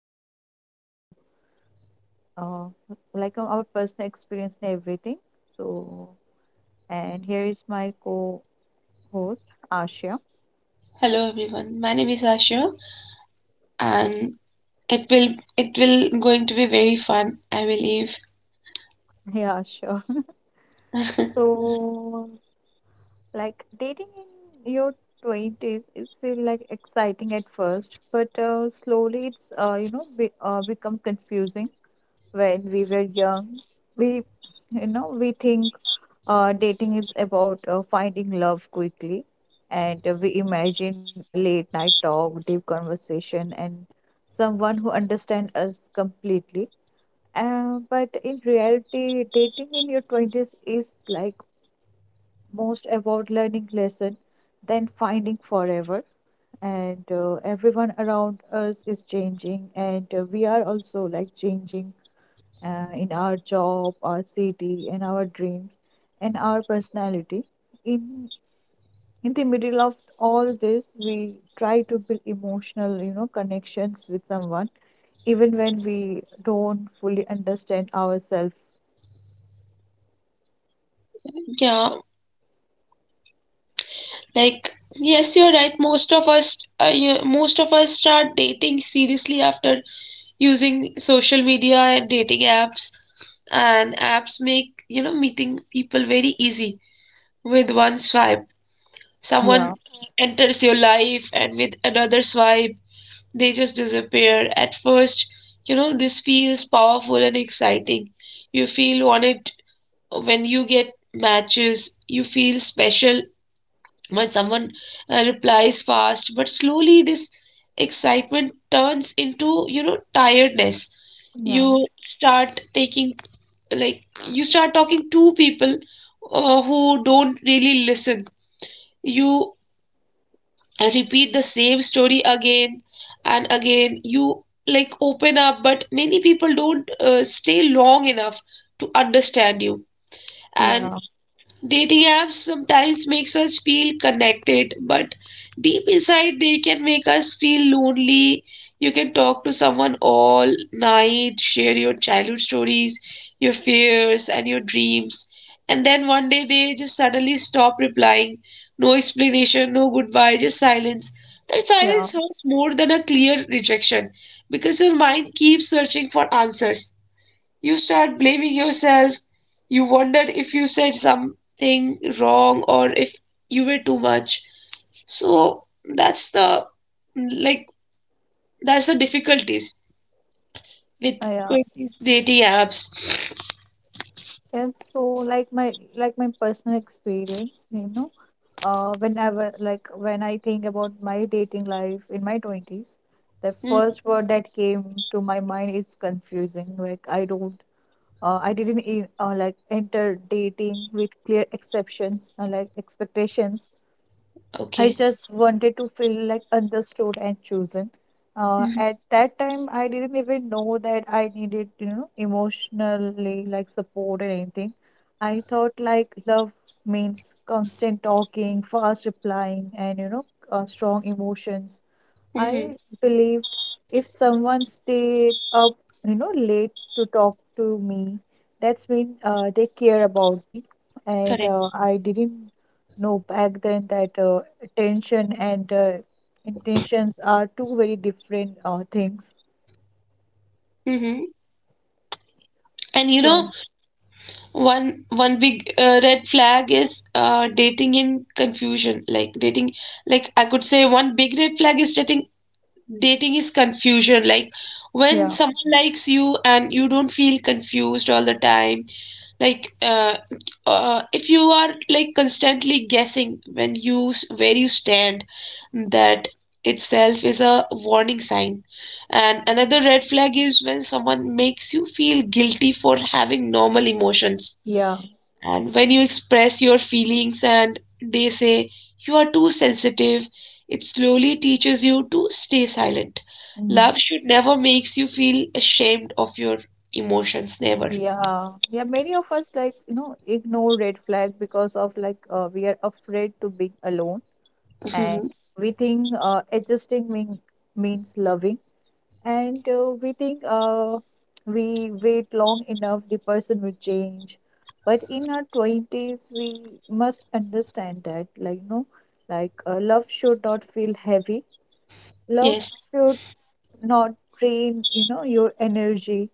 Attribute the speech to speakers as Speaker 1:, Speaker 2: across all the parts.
Speaker 1: ev- and uh, uh, our personal experience and everything. So, and here is my co-host Asha.
Speaker 2: Hello everyone. My name is Asha and it will it will going to be very fun, I believe.
Speaker 1: Hey Asha. So Like dating in your 20s, it feel like exciting at first, but slowly it's become confusing. When we were young, we you know we think dating is about finding love quickly, and we imagine late night talk, deep conversation, and someone who understands us completely. But in reality, dating in your 20s is like most about learning lesson than finding forever. And everyone around us is changing, and we are also like changing in our job, our city, and our dreams, and our personality. In in the middle of all this, we try to build emotional connections with someone, even when we don't fully understand ourselves.
Speaker 2: Yeah, like yes, you're right. Most of us most of us start dating seriously after using social media and dating apps. And apps make, you know, meeting people very easy with one swipe.
Speaker 1: Yeah,
Speaker 2: Someone enters your life and with another swipe they just disappear. At first, you know, this feels powerful and exciting. You feel on it when you get matches, you feel special when someone replies fast, but slowly this excitement turns into, you know, tiredness.
Speaker 1: yeah,
Speaker 2: You start taking, like, you start talking to people who don't really listen. You and repeat the same story again and again you like open up, but many people don't stay long enough to understand you. And
Speaker 1: yeah,
Speaker 2: dating apps sometimes makes us feel connected, but deep inside they can make us feel lonely. You can talk to someone all night, share your childhood stories, your fears and your dreams, and then one day they just suddenly stop replying. No explanation, no goodbye, just silence. That
Speaker 1: yeah,
Speaker 2: silence hurts more than a clear rejection because your mind keeps searching for answers. You start blaming yourself. You wondered if you said something wrong or if you were too much. So that's the, like, that's the difficulties with
Speaker 1: yeah.
Speaker 2: these dating apps.
Speaker 1: And so like my personal experience, whenever when I think about my dating life in my 20s, the
Speaker 2: Mm,
Speaker 1: first word that came to my mind is confusing. Like I didn't like enter dating with clear exceptions, expectations. I
Speaker 2: okay.
Speaker 1: just wanted to feel like understood and chosen.
Speaker 2: Mm-hmm.
Speaker 1: At that time, I didn't even know that I needed, emotionally like support or anything. I thought like love means constant talking, fast replying, and strong emotions.
Speaker 2: Mm-hmm.
Speaker 1: I believed if someone stayed up, late to talk to me, that's mean they care about me. And
Speaker 2: Correct.
Speaker 1: uh, I didn't know back then that attention and intentions are two very different things.
Speaker 2: Mm-hmm. And you know,
Speaker 1: So
Speaker 2: one big red flag is dating in confusion. Like I could say one big red flag is dating is confusion, like when
Speaker 1: yeah,
Speaker 2: someone likes you and you don't feel confused all the time, like if you are like constantly guessing when you where you stand, that itself is a warning sign. And another red flag is when someone makes you feel guilty for having normal emotions,
Speaker 1: yeah.
Speaker 2: and when you express your feelings and they say you are too sensitive, it slowly teaches you to stay silent.
Speaker 1: Mhm.
Speaker 2: Love should never makes you feel ashamed of your emotions, never.
Speaker 1: Yeah, yeah, many of us like ignore red flag because of we are afraid to be alone.
Speaker 2: Mhm.
Speaker 1: And we think adjusting means loving, and we think we wait long enough, the person will change. But in our 20s, we must understand that, like, no, love should not feel heavy, love
Speaker 2: Yes,
Speaker 1: should not drain, your energy.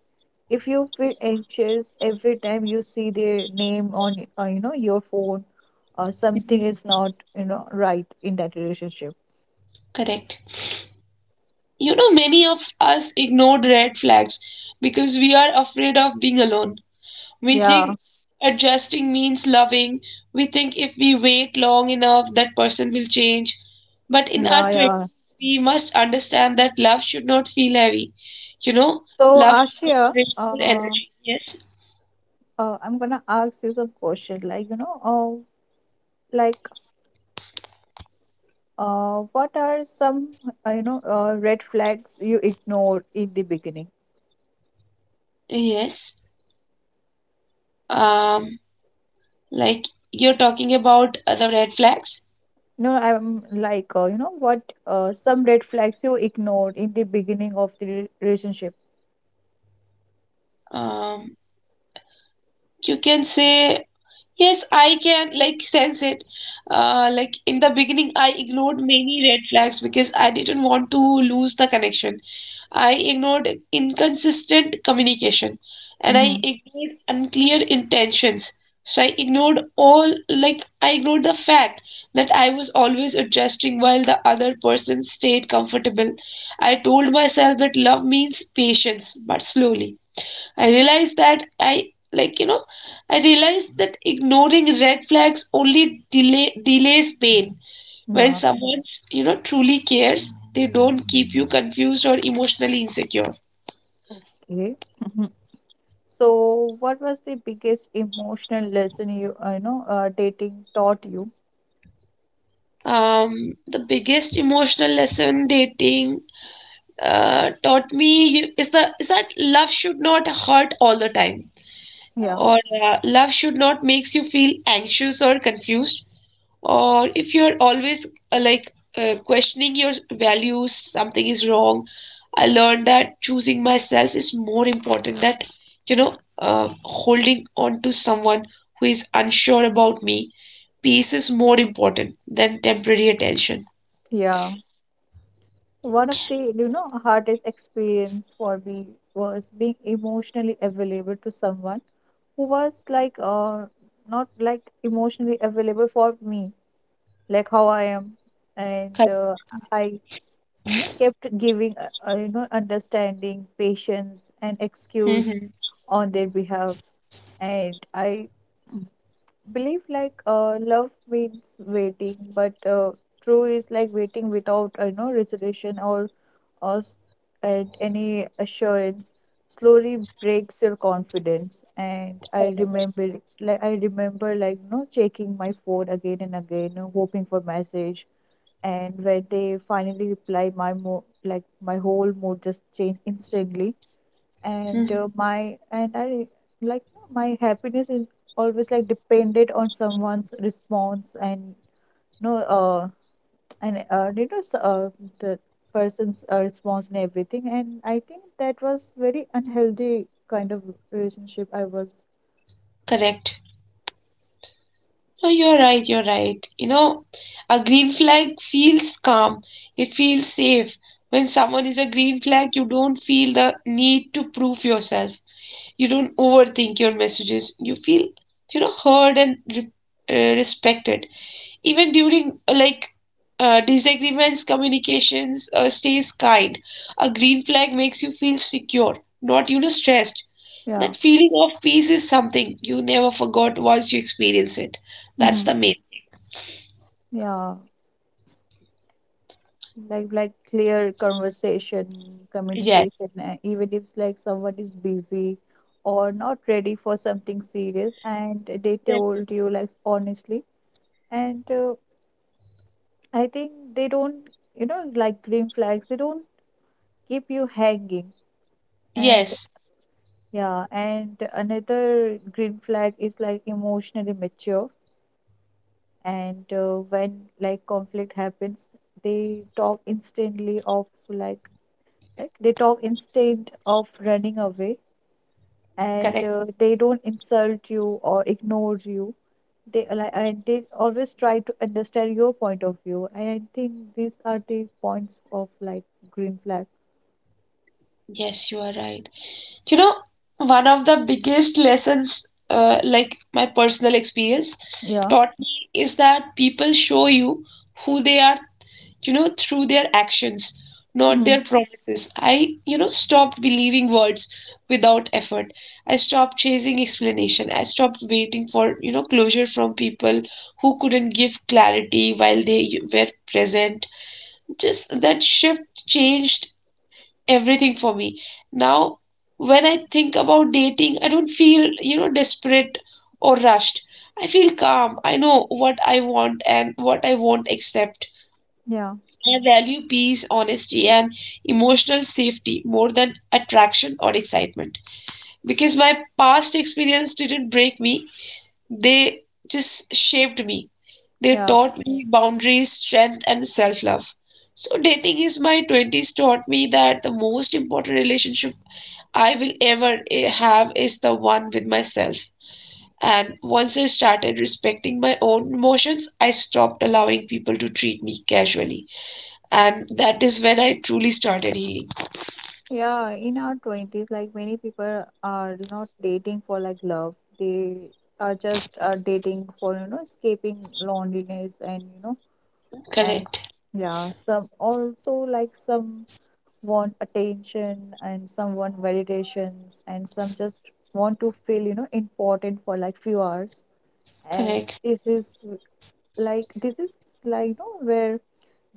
Speaker 1: If you feel anxious every time you see their name on, your phone, or something is not, right in that relationship.
Speaker 2: correct. You know, many of us ignored red flags because we are afraid of being alone. We
Speaker 1: Yeah.
Speaker 2: think adjusting means loving. We think if we wait long enough, that person will change. But in
Speaker 1: Yeah,
Speaker 2: our
Speaker 1: yeah.
Speaker 2: 20s, we must understand that love should not feel heavy. You know,
Speaker 1: So,
Speaker 2: love should not
Speaker 1: Ashia,
Speaker 2: drain your energy. Yes.
Speaker 1: I'm gonna ask you some question. Like, uh, like, what are some, red flags you ignored in the beginning?
Speaker 2: Yes. Um, like you're talking about other red flags.
Speaker 1: No, I'm like, what, some red flags you ignored in the beginning of the relationship.
Speaker 2: Um, you can say yes, I can like sense it. Like in the beginning, I ignored many red flags because I didn't want to lose the connection. I ignored inconsistent communication and I
Speaker 1: Mm-hmm.
Speaker 2: ignored unclear intentions. So I ignored all, like, I ignored the fact that I was always adjusting while the other person stayed comfortable. I told myself that love means patience, but slowly I realized that I like you know I realized that ignoring red flags only delays pain. When
Speaker 1: Yeah.
Speaker 2: someone, you know, truly cares, they don't keep you confused or emotionally insecure.
Speaker 1: Okay. Mm-hmm. So, what was the biggest emotional lesson you, dating taught you?
Speaker 2: Um, the biggest emotional lesson dating taught me is the is that love should not hurt all the time,
Speaker 1: Yeah.
Speaker 2: or love should not makes you feel anxious or confused, or if you're always questioning your values, something is wrong. I learned that choosing myself is more important that, you know, holding on to someone who is unsure about me. Peace is more important than temporary attention.
Speaker 1: Yeah. One of the hardest experience for me was being emotionally available to someone who was not like emotionally available for me, like how I am. And
Speaker 2: Correct.
Speaker 1: I kept giving understanding, patience, and
Speaker 2: Hmm.
Speaker 1: excuse on their behalf. And I believe love means waiting, but true is like waiting without resolution or at any assurance slowly breaks your confidence. And I
Speaker 2: Correct.
Speaker 1: remember, like no, checking my phone again and again, no, hoping for message. And when they finally reply, my mo- like my whole mood just changed instantly. And
Speaker 2: Mhm.
Speaker 1: my and I like my happiness is always like depended on someone's response. And no and you know, was the person's response and everything. And I think that was very unhealthy kind of relationship I was.
Speaker 2: Correct. No, you're right, you're right. You know, a green flag feels calm, it feels safe. When someone is a green flag, you don't feel the need to prove yourself. You don't overthink your messages. You feel, you know, heard and respected. Even during disagreements, communications stays kind. A green flag makes you feel secure, not, you know, stressed.
Speaker 1: Yeah.
Speaker 2: That feeling of peace is something you never forgot once you experience it. That's
Speaker 1: Hmm.
Speaker 2: the main.
Speaker 1: Yeah, like clear conversation,
Speaker 2: Yes.
Speaker 1: communication, even if like someone is busy or not ready for something serious, and they
Speaker 2: Correct.
Speaker 1: told you like honestly. And I think they don't you know like green flags, they don't keep you hanging. And
Speaker 2: Yes.
Speaker 1: yeah, and another green flag is like emotionally mature. And when like conflict happens, they talk instantly of like they talk instead of running away, and
Speaker 2: Correct.
Speaker 1: they don't insult you or ignore you. They like and they always try to understand your point of view. And I think these are the points of like green flag.
Speaker 2: Yes, you are right. You know, one of the biggest lessons, like my personal experience
Speaker 1: Yeah.
Speaker 2: taught me is that people show you who they are, you know, through their actions, not
Speaker 1: Mhm.
Speaker 2: their promises. I, you know, stopped believing words without effort. I stopped chasing explanation. I stopped waiting for, you know, closure from people who couldn't give clarity while they were present. Just that shift changed everything for me. Now, when I think about dating, I don't feel, you know, desperate or rushed. I feel calm. I know what I want and what I won't accept.
Speaker 1: Yeah.
Speaker 2: I value peace, honesty, and emotional safety more than attraction or excitement, because my past experience didn't break me, they just shaped me. They
Speaker 1: Yeah.
Speaker 2: taught me boundaries, strength, and self love. So, dating is my 20s taught me that the most important relationship I will ever have is the one with myself. And once I started respecting my own emotions, I stopped allowing people to treat me casually. And that is when I truly started healing.
Speaker 1: Yeah, in our 20s, like many people are not dating for like love. They are just dating for, escaping loneliness, and, and
Speaker 2: Correct.
Speaker 1: yeah, some also like some want attention, and some want validations, and some just want to feel, important for like few hours. And
Speaker 2: Correct.
Speaker 1: this is this is like, where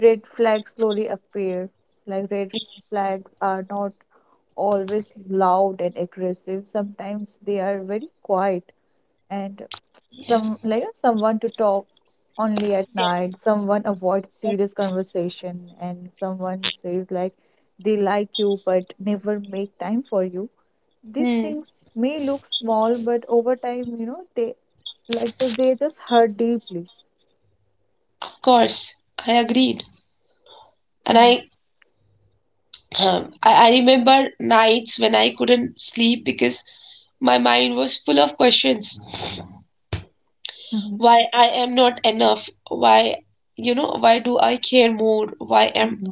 Speaker 1: red flags slowly appear. Like red flags are not always loud and aggressive. Sometimes they are very quiet, and
Speaker 2: Yeah.
Speaker 1: some like someone to talk only at night. Someone avoids
Speaker 2: But-
Speaker 1: serious conversation, and someone says like they like you but never make time for you. These
Speaker 2: Hmm.
Speaker 1: things may look small, but over time, they just hurt deeply.
Speaker 2: Of course. I agreed. And
Speaker 1: Mm,
Speaker 2: I, I remember nights when I couldn't sleep because my mind was full of questions.
Speaker 1: mhm,
Speaker 2: Why I am not enough? Why, you know, why do I care more? Why am
Speaker 1: mhm.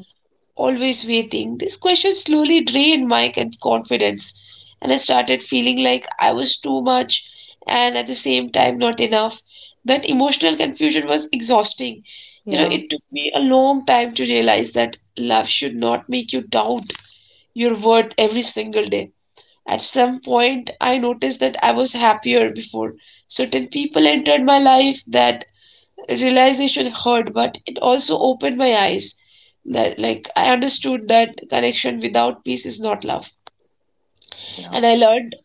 Speaker 2: always waiting? These questions slowly drained my confidence, and I started feeling like I was too much and at the same time not enough. That emotional confusion was exhausting. You know,
Speaker 1: Yeah,
Speaker 2: it took me a long time to realize that love should not make you doubt your worth every single day. At some point, I noticed that I was happier before certain people entered my life. That realization hurt, but it also opened my eyes. That, like, I understood that connection without peace is not love.
Speaker 1: yeah,
Speaker 2: And I learned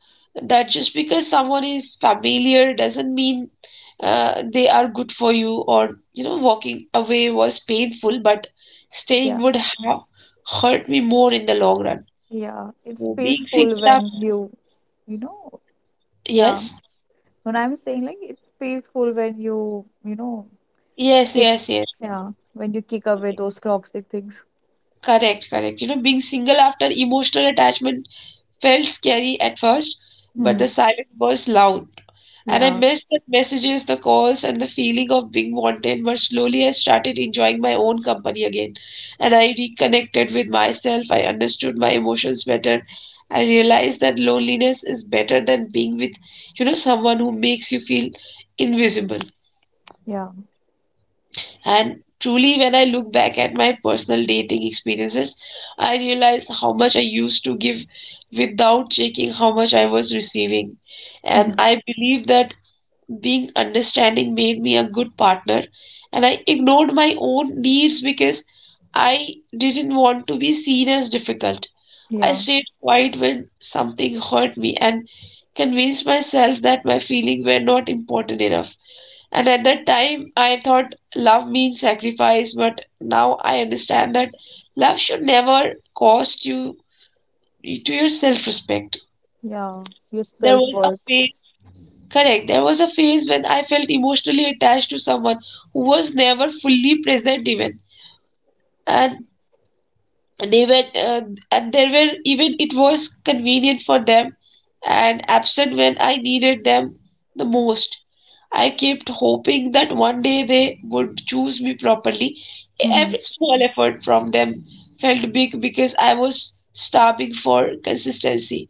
Speaker 2: that just because someone is familiar doesn't mean they are good for you. Or, you know, walking away was painful, but staying
Speaker 1: yeah,
Speaker 2: would have hurt me more in the long run.
Speaker 1: yeah. It's
Speaker 2: So being
Speaker 1: peaceful
Speaker 2: single after,
Speaker 1: when you, you know, yeah.
Speaker 2: yes,
Speaker 1: When I'm saying like it's peaceful when you,
Speaker 2: yes,
Speaker 1: kick,
Speaker 2: yes, yes.
Speaker 1: yeah, when you kick away those toxic things.
Speaker 2: Correct, correct. You know, being single after emotional attachment felt scary at first, but the
Speaker 1: Hmm.
Speaker 2: silence was loud. And I
Speaker 1: Yeah,
Speaker 2: missed the messages, the calls, and the feeling of being wanted. But slowly I started enjoying my own company again. And I reconnected with myself. I understood my emotions better. I realized that loneliness is better than being with, you know, someone who makes you feel invisible.
Speaker 1: yeah.
Speaker 2: And truly, when I look back at my personal dating experiences, I realize how much I used to give without checking how much I was receiving. And
Speaker 1: Hmm.
Speaker 2: I believe that being understanding made me a good partner. And I ignored my own needs because I didn't want to be seen as difficult. I
Speaker 1: Yeah,
Speaker 2: stayed quiet when something hurt me and convinced myself that my feelings were not important enough. And at that time, I thought love means sacrifice, but now I understand that love should never cost you to your self-respect.
Speaker 1: yeah. Your
Speaker 2: There was a
Speaker 1: self-worth.
Speaker 2: phase, correct, there was a phase when I felt emotionally attached to someone who was never fully present even. And they were and there were even it was convenient for them and absent when I needed them the most. I kept hoping that one day they would choose me properly.
Speaker 1: Hmm.
Speaker 2: Every small effort from them felt big because I was starving for consistency.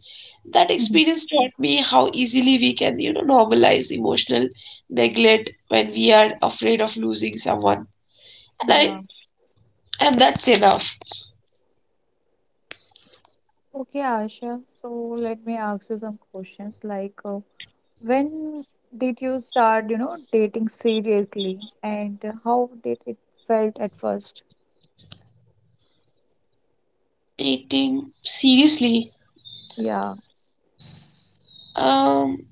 Speaker 2: That
Speaker 1: Hmm.
Speaker 2: experience taught me how easily we can, you know, normalize emotional neglect when we are afraid of losing someone. And I,
Speaker 1: Yeah.
Speaker 2: and that's enough.
Speaker 1: Okay, Asha. So let me ask you some questions. Like, when did you start, dating seriously, and how did it felt at first?
Speaker 2: Taking seriously.
Speaker 1: Yeah,
Speaker 2: Um,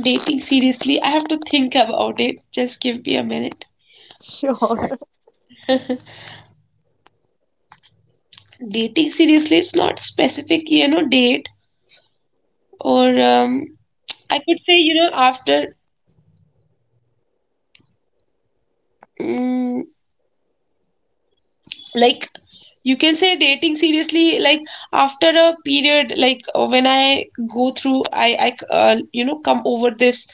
Speaker 2: dating seriously, I have to think about it. Just give me a minute.
Speaker 1: sure.
Speaker 2: Dating seriously, it's not specific, you know, date or I could say, you know, after mm, like you can say dating seriously, like after a period, like when I go through, you know, come over this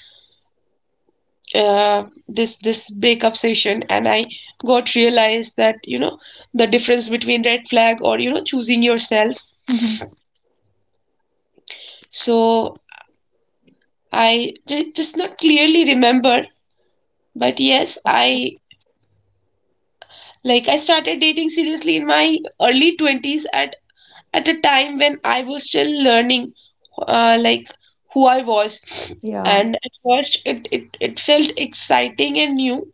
Speaker 2: breakup session, and I got realized that, you know, the difference between red flag or, you know, choosing yourself.
Speaker 1: Mhm.
Speaker 2: So I, just not clearly remember, but yes,
Speaker 1: Okay.
Speaker 2: I started dating seriously in my early 20s at a time when I was still learning uh, like who I was.
Speaker 1: Yeah,
Speaker 2: And at first it felt exciting and new,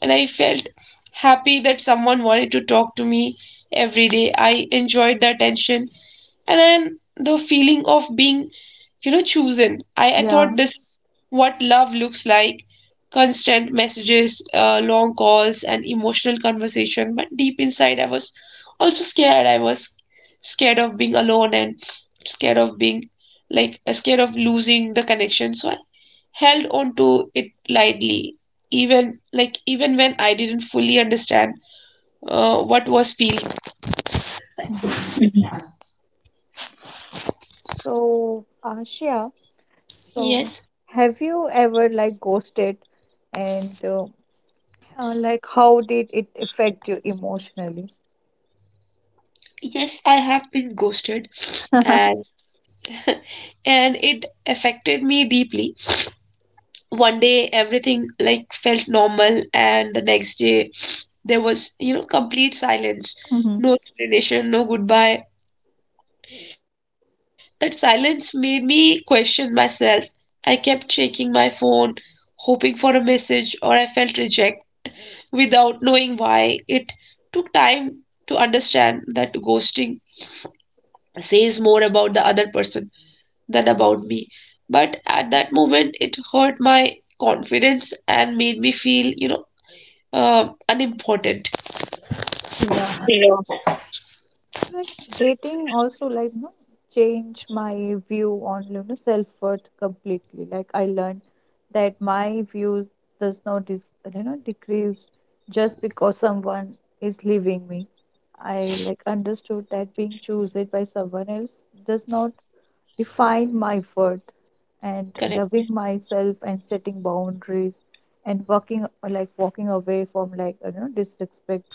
Speaker 2: and I felt happy that someone wanted to talk to me every day. I enjoyed the attention and then the feeling of being, you know, chosen. I
Speaker 1: yeah.
Speaker 2: thought this is what love looks like: constant messages, long calls, and emotional conversation. But deep inside I was also scared. I was scared of being alone and scared of being scared of losing the connection. So I held on to it lightly, even when I didn't fully understand what was feeling.
Speaker 1: Mm-hmm. So, Ashia, so
Speaker 2: Yes,
Speaker 1: have you ever like ghosted, and like how did it affect you emotionally?
Speaker 2: yes, I have been ghosted, and and it affected me deeply. One day everything like felt normal and the next day there was, complete silence.
Speaker 1: Mhm.
Speaker 2: No explanation, no goodbye. That silence made me question myself. I kept checking my phone, hoping for a message or I felt reject without knowing why. It took time to understand that ghosting says more about the other person than about me. But at that moment, it hurt my confidence and made me feel unimportant.
Speaker 1: Yeah, like dating also like no change my view on self-worth completely. Like I learned that my views does not dis you know decrease just because someone is leaving me. I like understood that being chosen by someone else does not define my worth, and
Speaker 2: Correct.
Speaker 1: loving myself, and setting boundaries, and working like walking away from disrespect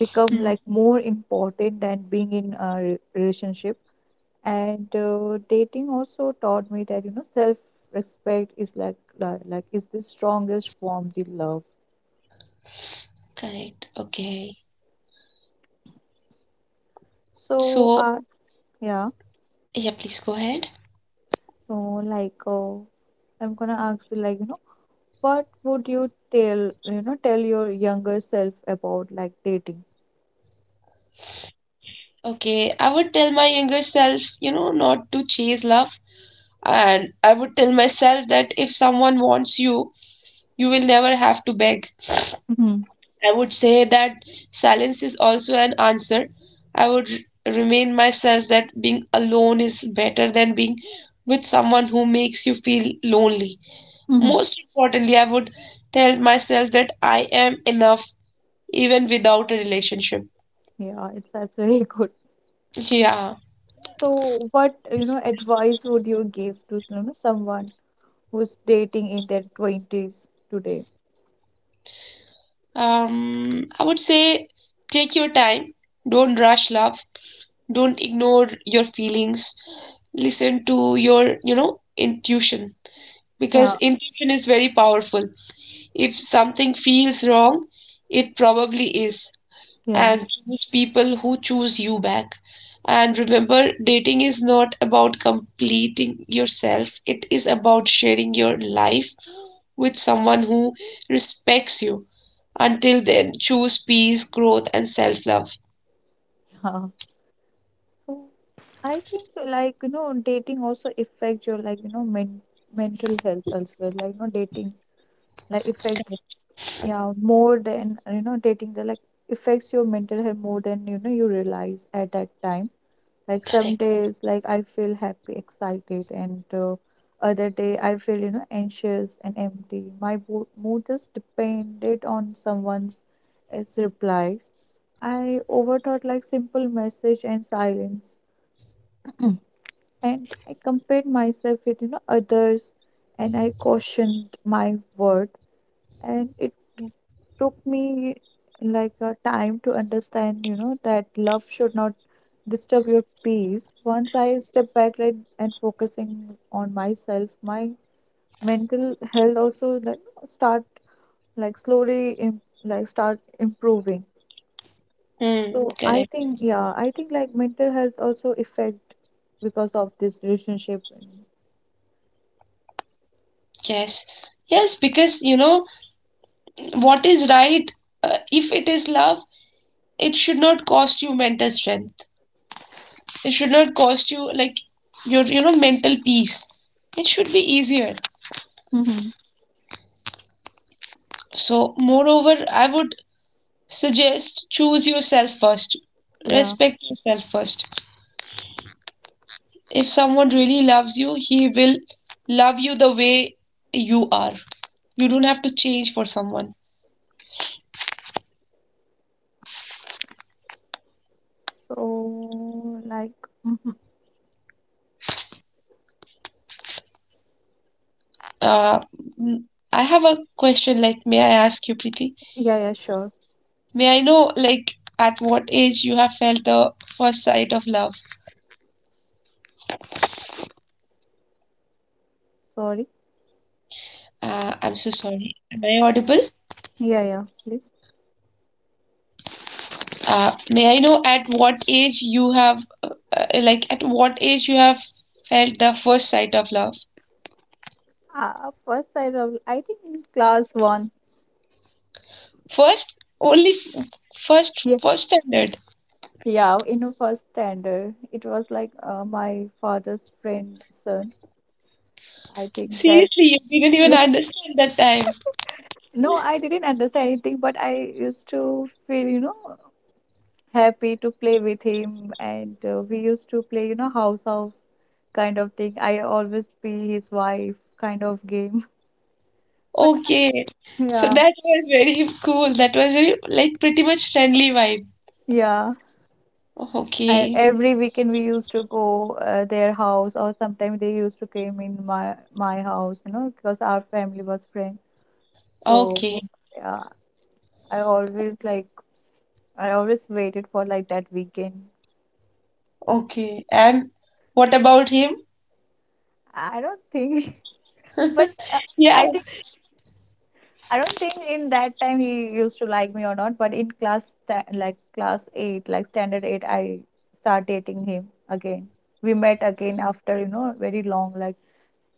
Speaker 1: become
Speaker 2: Mhm.
Speaker 1: like more important than being in a relationship. And dating also taught me that self respect is like is the strongest form the love.
Speaker 2: Correct. Okay.
Speaker 1: so
Speaker 2: So,
Speaker 1: uh yeah,
Speaker 2: yeah, please go ahead.
Speaker 1: so I'm gonna ask you, like you know what would you tell your younger self about like dating.
Speaker 2: Okay, I would tell my younger self, not to chase love. And I would tell myself that if someone wants you, you will never have to beg.
Speaker 1: Mm-hmm.
Speaker 2: I would say that silence is also an answer. I would remind myself that being alone is better than being with someone who makes you feel lonely.
Speaker 1: Mm-hmm.
Speaker 2: Most importantly, I would tell myself that I am enough even without a relationship.
Speaker 1: Yeah, it's that's very good.
Speaker 2: Yeah.
Speaker 1: So, what advice would you give to someone who's dating in their twenties today?
Speaker 2: I would say take your time. Don't rush love. Don't ignore your feelings. Listen to your intuition
Speaker 1: Yeah,
Speaker 2: because intuition is very powerful. If something feels wrong, it probably is.
Speaker 1: yeah,
Speaker 2: And choose people who choose you back. And remember, dating is not about completing yourself, it is about sharing your life with someone who respects you. Until then, choose peace, growth, and self love.
Speaker 1: yeah. So I think like dating also affects your mental health as well. Like you know dating like affects, yeah, more than you know dating the like affects your mental health more than you realize at that time. Like some
Speaker 2: Correct.
Speaker 1: days, like I feel happy, excited, and other day I feel, anxious and empty. My mood is depended on someone's its replies. I overthought like simple message and silence, and I compared myself with, others, and I cautioned my worth, and it took me like a time to understand that love should not disturb your peace. Once I step back, like, and focusing on myself, my mental health also like start like slowly im- like start improving. So I
Speaker 2: Correct.
Speaker 1: think, yeah, I think like mental health also affect because of this relationship.
Speaker 2: Yes. Yes, because you know what is right, if it is love, it should not cost you mental strength. It should not cost you like your mental peace. It should be easier.
Speaker 1: Mm-hmm.
Speaker 2: So moreover, I would suggest choose yourself first.
Speaker 1: Yeah,
Speaker 2: Respect yourself first. If someone really loves you, he will love you the way you are. You don't have to change for someone.
Speaker 1: so like. Mhm.
Speaker 2: Uh, mm, I have a question like may I ask you, Preeti?
Speaker 1: Yeah, yeah, sure.
Speaker 2: May I know like at what age you have felt the first sight of love?
Speaker 1: Sorry.
Speaker 2: I'm so sorry. Am I audible?
Speaker 1: Yeah, yeah, please.
Speaker 2: May I know at what age you have, like, at what age you have felt the first sight of love?
Speaker 1: First, I remember, I think in class one.
Speaker 2: First, only first,
Speaker 1: Yeah,
Speaker 2: first standard.
Speaker 1: yeah, in the first standard, it was like my father's friend son. I think that.
Speaker 2: Seriously, you didn't even
Speaker 1: Yeah.
Speaker 2: understand that time.
Speaker 1: No, I didn't understand anything, but I used to feel, happy to play with him, and we used to play, house house kind of thing. I always be his wife kind of game. But
Speaker 2: Okay, so
Speaker 1: yeah,
Speaker 2: that was very cool. That was very, like, pretty much friendly vibe.
Speaker 1: yeah. And
Speaker 2: Okay,
Speaker 1: every weekend we used to go their house, or sometimes they used to came in my house, because our family was friends. So
Speaker 2: okay,
Speaker 1: yeah, I always like I always waited for like that weekend.
Speaker 2: okay. And what about him?
Speaker 1: I don't think, but
Speaker 2: Yeah.
Speaker 1: I think I don't think in that time he used to like me or not. But in class eight, like standard eight, I start dating him again. We met again after very long, like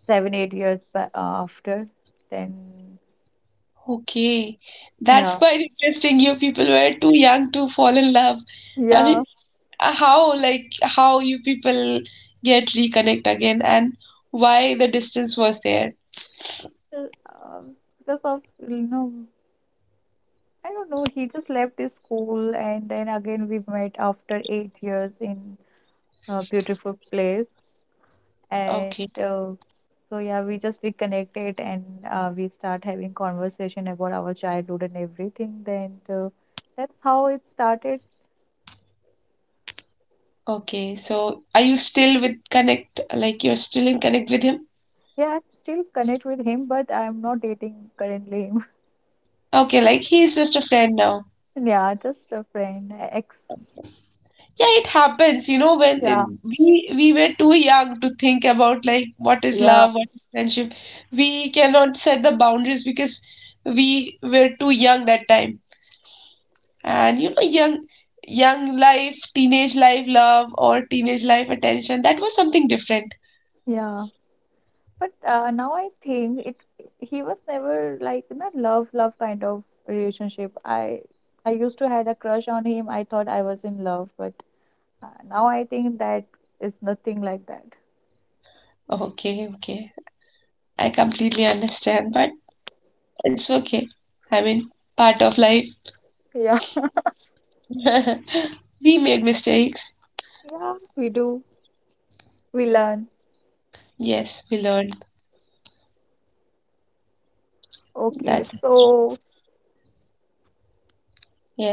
Speaker 1: 7, 8 years after then.
Speaker 2: Okay, that's
Speaker 1: Yeah,
Speaker 2: quite interesting. You people were too young to fall in love. I
Speaker 1: yeah.
Speaker 2: mean, how like how you people get reconnect again and why the distance was there.
Speaker 1: Well, um, because of, you know, I don't know, he just left his school and then again we met after 8 years in a beautiful place. And
Speaker 2: Okay,
Speaker 1: uh, so, yeah, we just reconnected, and we start having conversation about our childhood and everything. Then that's how it started.
Speaker 2: okay, so are you still with connect like you're still in connect with him?
Speaker 1: Yeah, I'm still connect with him, but I'm not dating currently him.
Speaker 2: Okay, like he's just a friend now?
Speaker 1: Yeah, just a friend, ex.
Speaker 2: Yeah, it happens you know when it,
Speaker 1: Yeah,
Speaker 2: we we were too young to think about like what is
Speaker 1: yeah,
Speaker 2: love, what is friendship. We cannot set the boundaries because we were too young that time, and you know, young life teenage life love or teenage life attention, that was something different.
Speaker 1: yeah. But now I think it he was never like in a love love kind of relationship. I used to had a crush on him. I thought I was in love, but now I think that is nothing like that.
Speaker 2: Okay, okay, I completely understand, but it's okay. I mean, part of life.
Speaker 1: Yeah.
Speaker 2: We made mistakes.
Speaker 1: Yeah, we do. We learn.
Speaker 2: Yes, we learned
Speaker 1: Okay,
Speaker 2: that.
Speaker 1: so.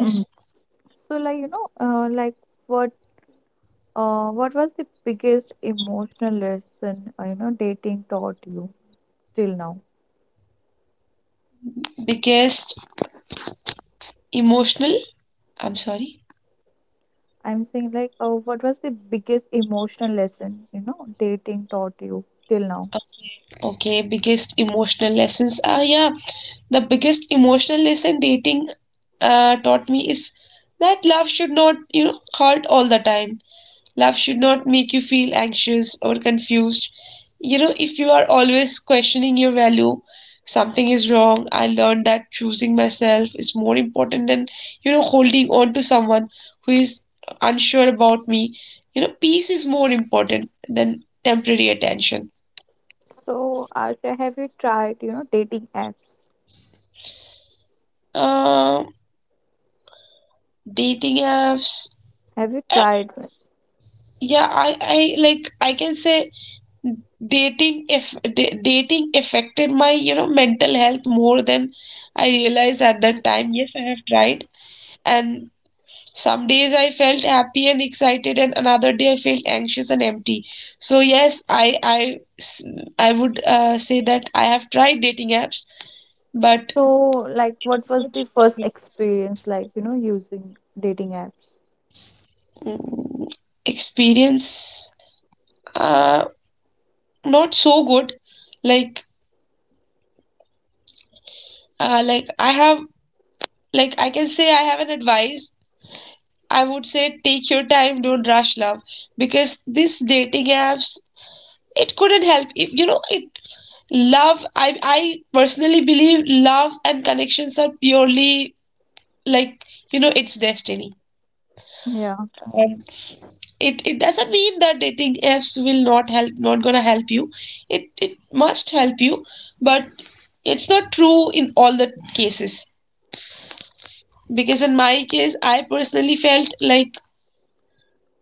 Speaker 1: Mhm. So like like what what was the biggest emotional lesson dating taught you till now?
Speaker 2: biggest emotional, I'm sorry.
Speaker 1: I'm saying like, what was the biggest emotional lesson, dating taught you till now?
Speaker 2: Okay, biggest emotional lessons. Ah, yeah, the biggest emotional lesson dating taught me is that love should not hurt all the time. Love should not make you feel anxious or confused. You know, if you are always questioning your value, something is wrong. I learned that choosing myself is more important than holding on to someone who is unsure about me. You know, peace is more important than temporary attention.
Speaker 1: So, Asha, have you tried, dating apps?
Speaker 2: Um, Dating apps.
Speaker 1: Have you tried?
Speaker 2: Yeah, I like I can say dating if da- dating affected my mental health more than I realized at the time. Yes, I have tried. And some days I felt happy and excited, and another day I felt anxious and empty. So yes, I would say that I have tried dating apps, but
Speaker 1: So, like, what was the first experience like, using dating apps?
Speaker 2: mm, experience uh not so good. Like like I have. Like I can say I have an advice. I would say take your time, don't rush love. Because this dating apps, it couldn't help. If you know it love, I personally believe love and connections are purely like, it's destiny.
Speaker 1: Yeah.
Speaker 2: And it doesn't mean that dating apps will not help, not gonna help you. It must help you, but it's not true in all the cases because in my case I personally felt like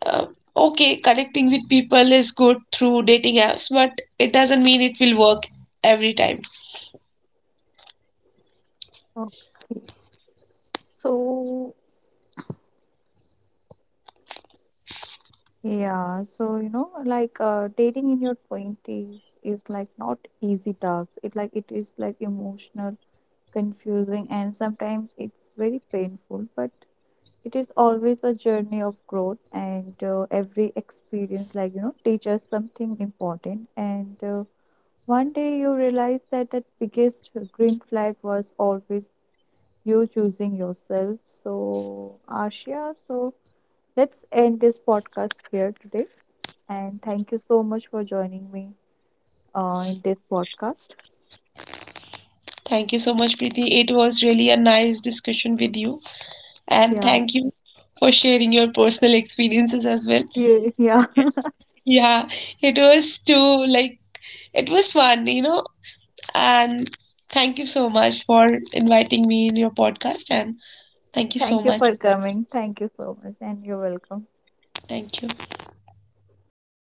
Speaker 2: uh, okay, connecting with people is good through dating apps, but it doesn't mean it will work every time.
Speaker 1: Okay. So, yeah, so like dating in your 20s is like not easy task. It like it is like emotional, confusing, and sometimes it's very painful. But it is always a journey of growth, and every experience, like teaches something important. And one day you realize that that biggest green flag was always you choosing yourself. So, Ashia, so let's end this podcast here today. And thank you so much for joining me in this podcast.
Speaker 2: Thank you so much, Preeti. It was really a nice discussion with you, and
Speaker 1: Yeah,
Speaker 2: thank you for sharing your personal experiences as well.
Speaker 1: you, yeah.
Speaker 2: Yeah, it was too like it was fun, you know, and thank you so much for inviting me in your podcast, and thank you so
Speaker 1: Thank you
Speaker 2: much.
Speaker 1: for coming. Thank you so much, and you're welcome.
Speaker 2: Thank you.